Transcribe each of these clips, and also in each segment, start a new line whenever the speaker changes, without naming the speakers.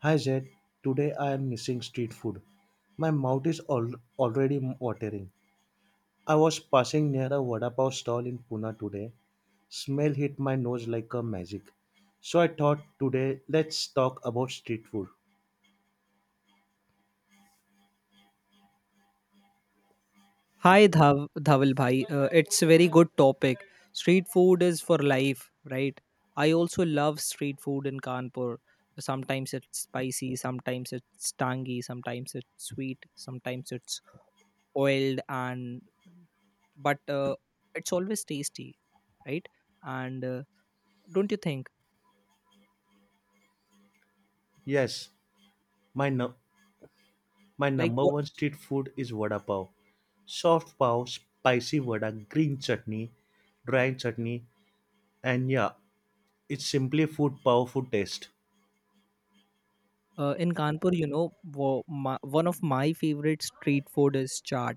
Hi Zed, today I am missing street food. My mouth is already watering. I was passing near a vada pav stall in Pune today. Smell hit my nose like a magic. So I thought today let's talk about street food.
Hi Dhawal bhai, it's a very good topic. Street food is for life, right? I also love street food in Kanpur. Sometimes it's spicy, sometimes it's tangy, sometimes it's sweet, sometimes it's oiled and but it's always tasty, right? And don't you think
Yes, my nu- my
like
number
what
one street food is vada pav. Soft pav, spicy vada, green chutney, dry chutney, and yeah, it's simply food powerful taste.
in Kanpur, you know, one of my favorite street food is chaat.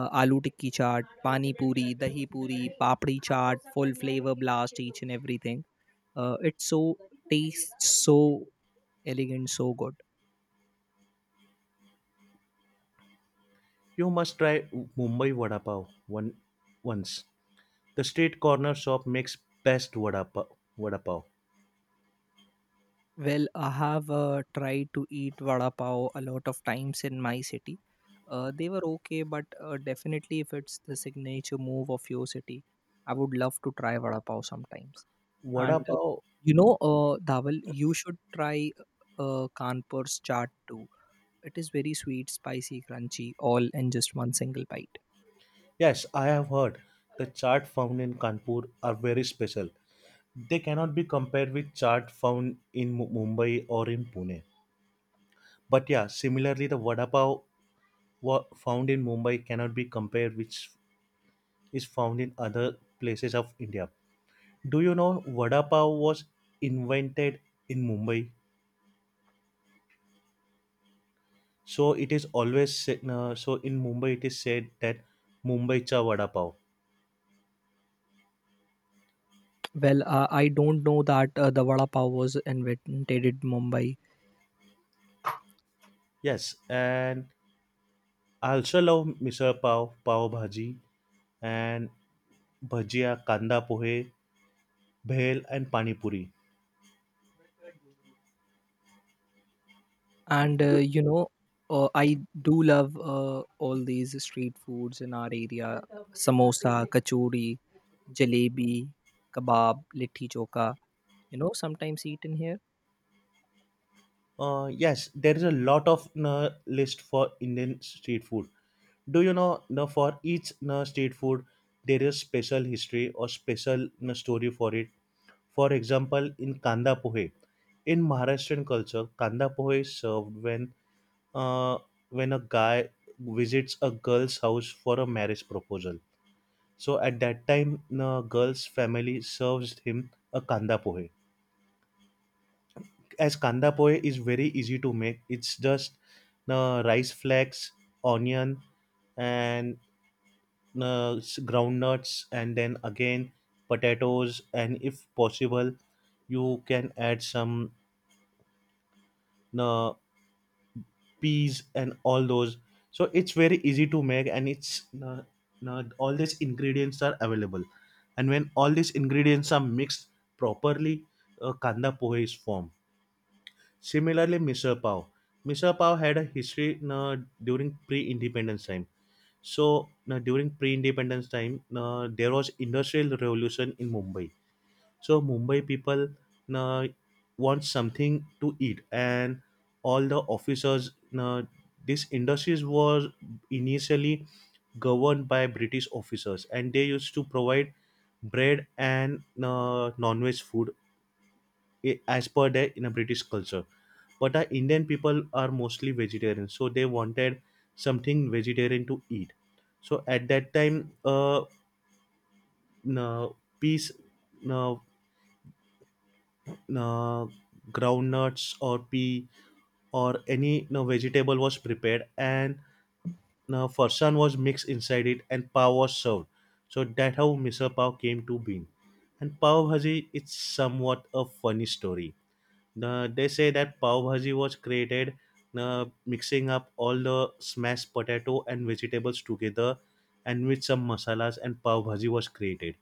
Aloo tikki chaat, pani puri, dahi puri, papdi chaat, full flavor blast, each and everything. It's so tastes so elegant, so good.
You must try Mumbai vada pav one once. The street corner shop makes best vada pav. Vada pav.
Well, I have tried to eat vada pav a lot of times in my city. They were okay, but definitely if it's the signature move of your city, I would love to try vada pav sometimes.
Vada
And
pav.
you know, Dawal, you should try Kanpur's chaat too. It is very sweet, spicy, crunchy, all in just one single bite.
Yes, I have heard. The chaat found in Kanpur are very special. They cannot be compared with chaat found in Mumbai or in Pune. But yeah, similarly, the vada pav found in Mumbai cannot be compared with is found in other places of India. Do you know vada pav was invented in Mumbai? So it is always so in Mumbai it is said that Mumbai cha vada pav.
Well, I don't know that the vada pav was invented in Mumbai,
Yes, and I also love misal pav, pav bhaji, and bhajia, kanda pohe, bhel, and pani puri.
and you know, I do love all these street foods in our area: samosa, kachori, jalebi, kebab, litti choka. You know, sometimes eaten here.
Yes, there is a lot of list for Indian street food. Do you know for each street food there is special history or special story for it? For example, in kanda pohe, in Maharashtrian culture, kanda pohe is served uh, when a guy visits a girl's house for a marriage proposal. So at that time, the girl's family serves him a kanda pohe. As kanda pohe is very easy to make. It's just the rice flakes, onion, and ground nuts, and then again potatoes, and if possible, you can add some uh, peas and all those, so it's very easy to make and it's all these ingredients are available, and when all these ingredients are mixed properly, kanda pohe is formed. Similarly, misal pav, misal pav had a history uh, during pre-independence time. So during pre-independence time, there was industrial revolution in Mumbai. So Mumbai people uh, want something to eat, and all the officers. Uh, this industries was initially governed by British officers, and they used to provide bread and non-veg food as per their in a British culture. But our Indian people are mostly vegetarian, so they wanted something vegetarian to eat. So at that time, n- uh, peace, uh, uh, groundnuts or pea or any, you know, vegetable was prepared, and farsan was mixed inside it and pav was served. So that how misal pav came to being. And pav bhaji, it's somewhat a funny story. They say that pav bhaji was created mixing up all the smashed potato and vegetables together and with some masalas and pav bhaji was created.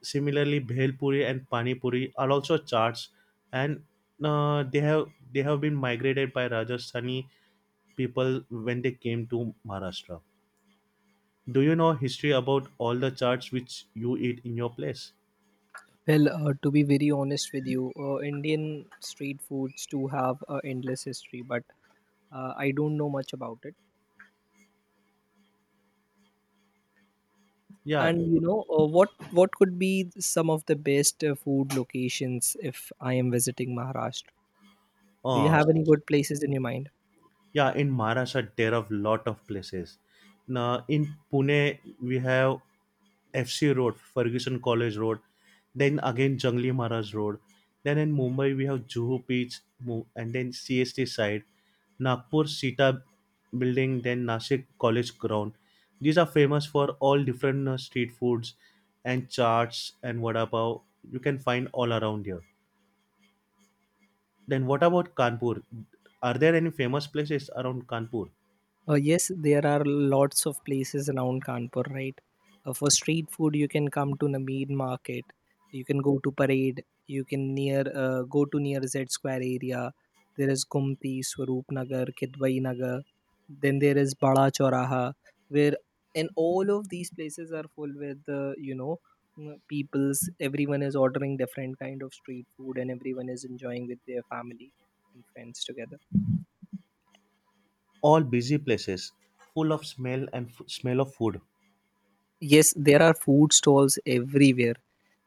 Similarly, bhelpuri and panipuri are also charts, and they have been migrated by Rajasthani people when they came to Maharashtra. Do you know history about all the charts which you eat in your place?
Well, to be very honest with you, Indian street foods do have endless history, but I don't know much about it.
Yeah,
And you know what could be some of the best food locations if I am visiting Maharashtra? Do you
uh,
have any good places in your mind?
yeah. In Maharashtra, there are lot of places. Now, in Pune, we have FC Road, Ferguson College Road. Then again, Jangli Maharaj Road. Then in Mumbai, we have Juhu Beach, and then CST side. Nagpur Sita building, then Nashik College ground. These are famous for all different street foods and charts and vada pav. You can find all around here. Then what about Kanpur? Are there any famous places around Kanpur?
Yes, there are lots of places around Kanpur, right? For street food, you can come to Nameed Market. You can go to Parade. You can near go to near Z Square area. There is Gumti, Swaroop Nagar, Kidwai Nagar. Then there is Bada Choraha, where and all of these places are full with you know people's. Everyone is ordering different kind of street food, and everyone is enjoying with their family and friends together.
All busy places, full of smell and smell of food.
Yes, there are food stalls everywhere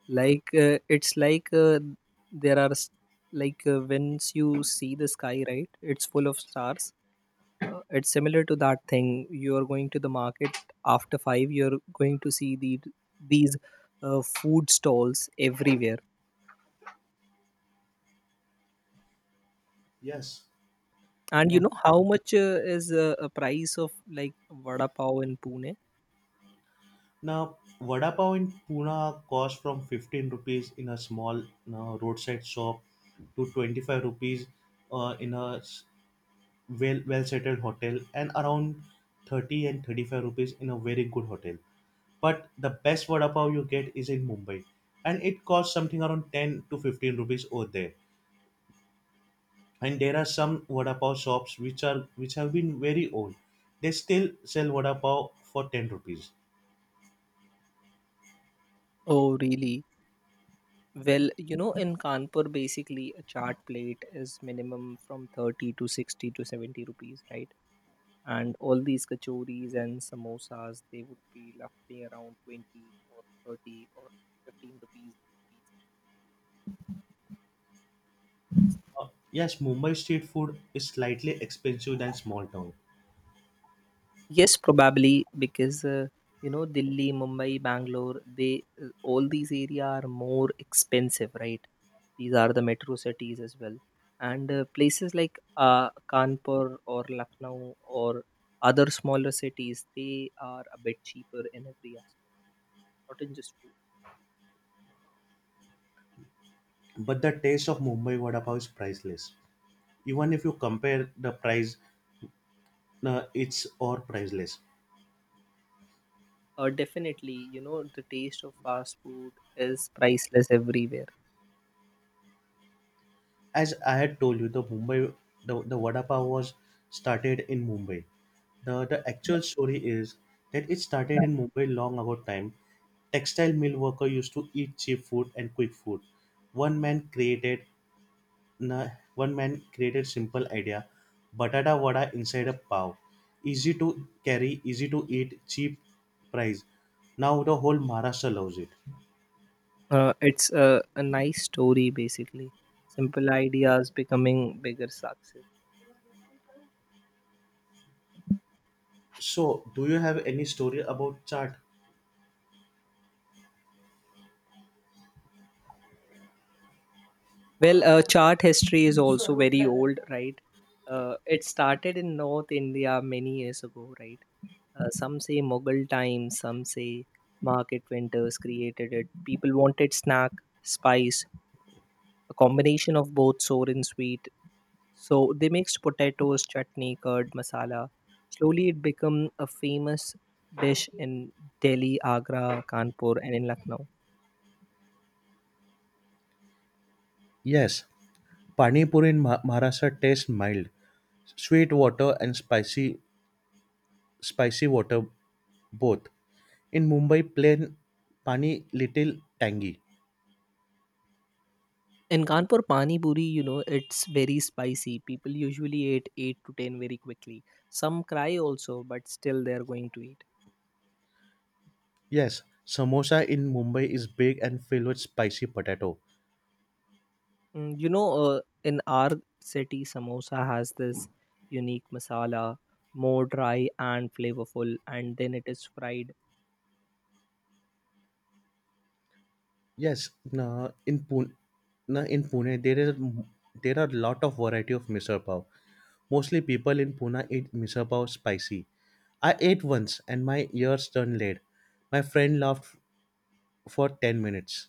like it's like there are like once you see the sky right it's full of stars. It's similar to that thing. You are going to the market after 5 you're going to see the these food stalls everywhere.
Yes.
And you
Uh,
know how much is a price of like vada pav in Pune?
now, vada pav in Pune costs from 15 rupees in a small roadside shop to 25 rupees uh, in a s- well well settled hotel, and around 30 and 35 rupees in a very good hotel, but the best vada pav you get is in Mumbai, and it costs something around 10 to 15 rupees over there. And there are some vada pav shops which are which have been very old. They still sell vada pav for 10 rupees.
Oh really? Well, you know in Kanpur basically a chaat plate is minimum from 30 to 60 to 70 rupees, right? And all these kachoris and samosas they would be roughly around 20 or 30 or 15 rupees each piece.
Uh, yes, Mumbai street food is slightly expensive than small town,
Yes, probably because you know Delhi, Mumbai, Bangalore, they all these area are more expensive, right? These are the metro cities as well. And places like Kanpur or Lucknow or other smaller cities they are a bit cheaper in every aspect, not in just food.
but the taste of Mumbai vada pav is priceless. Even if you compare the price, it's or priceless.
Definitely, you know, the taste of fast food is priceless everywhere.
As I had told you, the vada pav was started in Mumbai. The actual story is that it started in Mumbai long ago time. Textile mill worker used to eat cheap food and quick food. One man created na- one man created simple idea, batata vada inside a pav, easy to carry, easy to eat, cheap price. Now the whole Maharashtra loves it.
It's a nice story, basically. Simple ideas becoming bigger success.
So, do you have any story about chaat?
Well, chart history is also very old, right? It started in North India many years ago, right? Some say Mughal times, some say market vendors created it. People wanted snack, spice, a combination of both sour and sweet. So they mixed potatoes, chutney, curd, masala. Slowly it became a famous dish in Delhi, Agra, Kanpur, and in Lucknow.
Yes, Pani Puri in Maharashtra tastes mild. Sweet water and spicy water both. In Mumbai, plain pani little tangy.
In Kanpur, pani puri, you know, it's very spicy. People usually eat eight to ten very quickly. Some cry also, but still they're going to eat.
Yes, samosa in Mumbai is big and filled with spicy potato.
Mm. You know, in our city, samosa has this unique masala, more dry and flavorful, and then it is fried.
Yes, na in Pune there is there are lot of variety of misal pav. Mostly people in Pune eat misal pav spicy. I ate once and my ears turned red. My friend laughed for 10 minutes.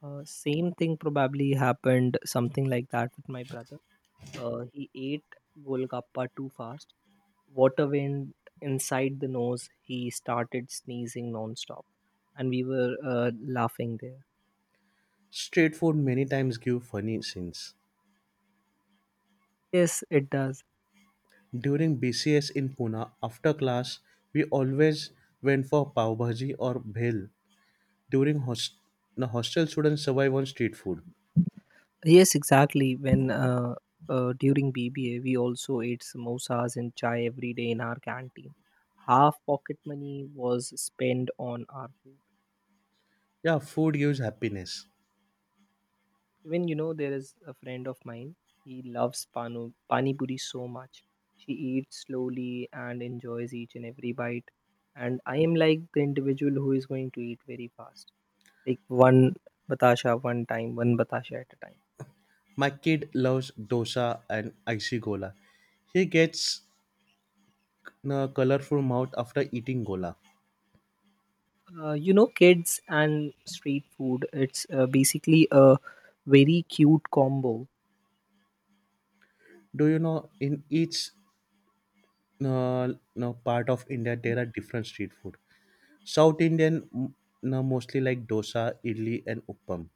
Same thing probably happened something like that with my brother. He ate Golgappa too fast. Water went inside the nose. He started sneezing nonstop, and we were laughing there.
Street food many times give funny scenes.
Yes, it does.
During BCS in Pune, after class, we always went for pav bhaji or bhel. During host- the hostel, students survive on street food.
Yes, exactly. When during BBA, we also ate samosas and chai every day in our canteen. Half pocket money was spent on our food.
Yeah, food gives happiness.
Even you know, there is a friend of mine. He loves pano pani puri so much. She eats slowly and enjoys each and every bite. And I am like the individual who is going to eat very fast, like one batasha one time, one batasha at a time.
My kid loves dosa and icy gola. He gets a colorful mouth after eating gola.
You know, kids and street food. It's basically a very cute combo.
Do you know in each no, part of India there are different street food. South Indian mm, no, mostly like dosa, idli, and uppam.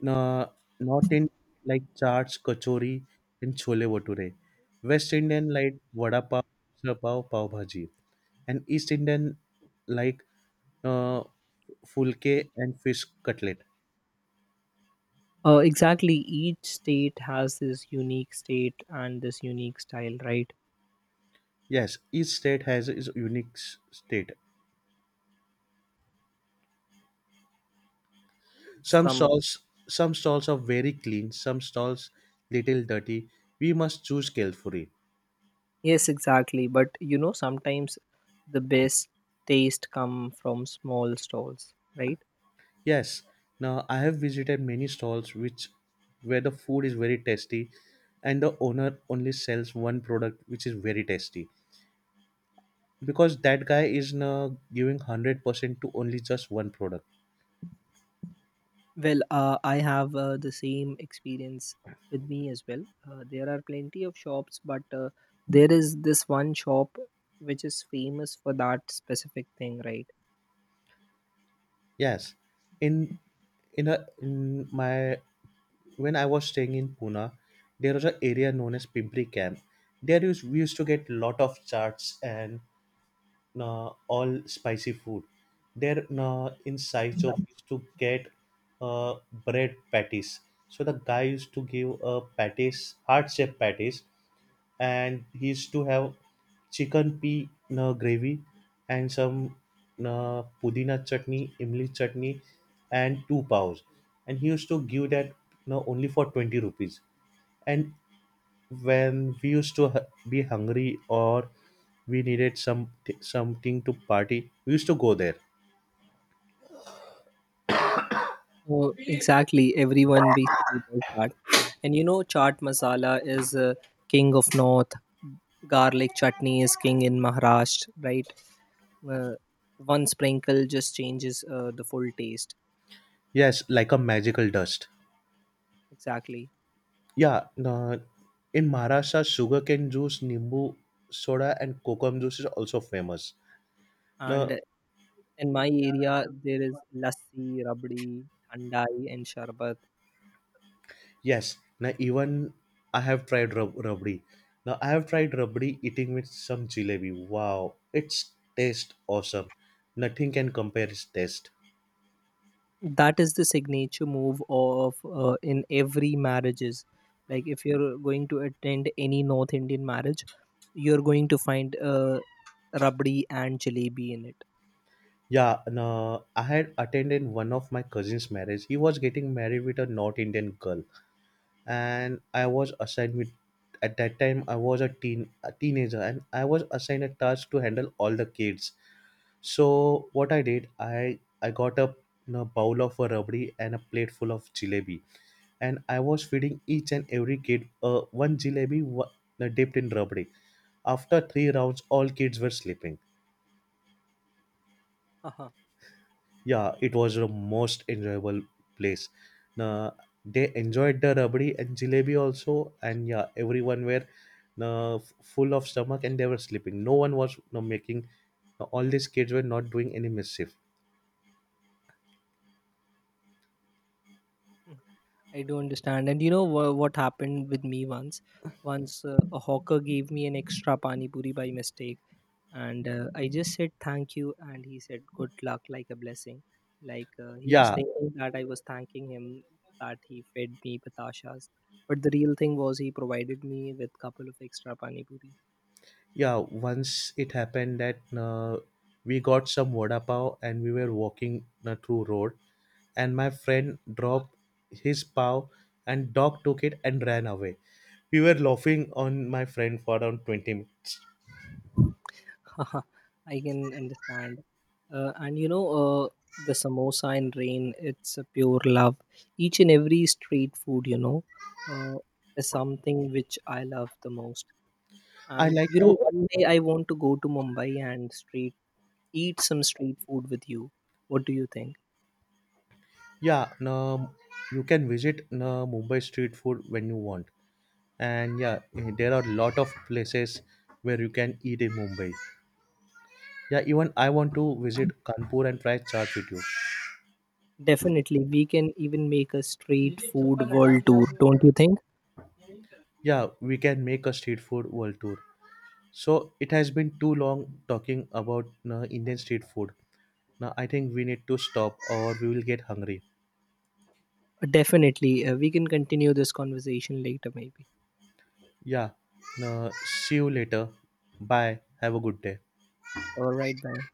No, not in like charts, kachori, and chole bhature. West Indian like vada pav, misal pav, pav bhaji, and East Indian like uh, fulke and fish cutlet.
Exactly, each state has this unique state and this unique style, right?
Yes, each state has its unique state. Some
Some.
stalls, some stalls are very clean. Some stalls little dirty. We must choose carefully.
Yes, exactly. But you know, sometimes the best taste come from small stalls, right?
Yes, now I have visited many stalls which where the food is very tasty, and the owner only sells one product which is very tasty because that guy is now giving 100% to only just one product.
Well, I have the same experience with me as well. There are plenty of shops, but there is this one shop which is famous for that specific thing, right?
Yes. In in a in my when I was staying in Pune, there was an area known as Pimpri Camp. There is we used to get lot of charts and all spicy food. Their insights of used to get uh, bread patties. So the guy used to give patties, heart shaped patties, and he used to have chicken pea gravy and some pudina chutney, imli chutney, and two paos. And he used to give that you only for 20 rupees. And when we used to be hungry or we needed some something to party, we used to go there.
So exactly, everyone basically does that. And you know, chaat masala is king of north. Garlic chutney is king in Maharashtra, right? uh, One sprinkle just changes the full taste.
Yes, like a magical dust.
Exactly.
Yeah, in Maharashtra, sugarcane juice, nimbu soda, and kokum juice is also famous.
And
Now,
in my area there is lassi, rabdi, thandai and sharbat.
yes, now even I have tried rabdi. Now I have tried rabdi eating with some jalebi. Wow, it's taste awesome. Nothing can compare its taste.
That is the signature move of in every marriages, like if you're going to attend any North Indian marriage you're going to find rabdi and jalebi in it.
Yeah, and, I had attended one of my cousin's marriage. He was getting married with a North Indian girl, and I was assigned with. At that time, I was a teen, a teenager, and I was assigned a task to handle all the kids. So what I did, I got a, you know, bowl of a rabdi and a plate full of jalebi, and I was feeding each and every kid one dipped in rabdi. After three rounds, all kids were sleeping.
Uh-huh.
Yeah, it was the most enjoyable place. Nah, They enjoyed the rabdi and jalebi also, and yeah, everyone were full of stomach and they were sleeping. No one was making, all these kids were not doing any mischief.
Mm. I do understand and you know what happened with me once. Once a hawker gave me an extra pani puri by mistake and I just said thank you and he said good luck like a blessing, like he was
yeah
thinking that I was thanking him that he fed me patashas, but the real thing was he provided me with couple of extra pani puris.
yeah Once it happened that we got some vada pav, and we were walking through road, and my friend dropped his pav, and dog took it and ran away. We were laughing on my friend for around 20 minutes.
I can understand. And you know the samosa in rain, it's a pure love. Each and every street food you know uh, is something which I love the most.
I
And
like
you know
to,
one day I want to go to Mumbai and street eat some street food with you. What do you think?
yeah, you can visit no, Mumbai street food when you want. And yeah, eh, there are a lot of places where you can eat in Mumbai. Yeah, even I want to visit Kanpur and try chaat with you.
Definitely, we can even make a street food world tour, don't you think?
Yeah, we can make a street food world tour. So it has been too long talking about no, Indian street food. Now I think we need to stop or we will get hungry.
Definitely, we can continue this conversation later, maybe.
Yeah, no, see you later. Bye. Have a good day.
All right, bye.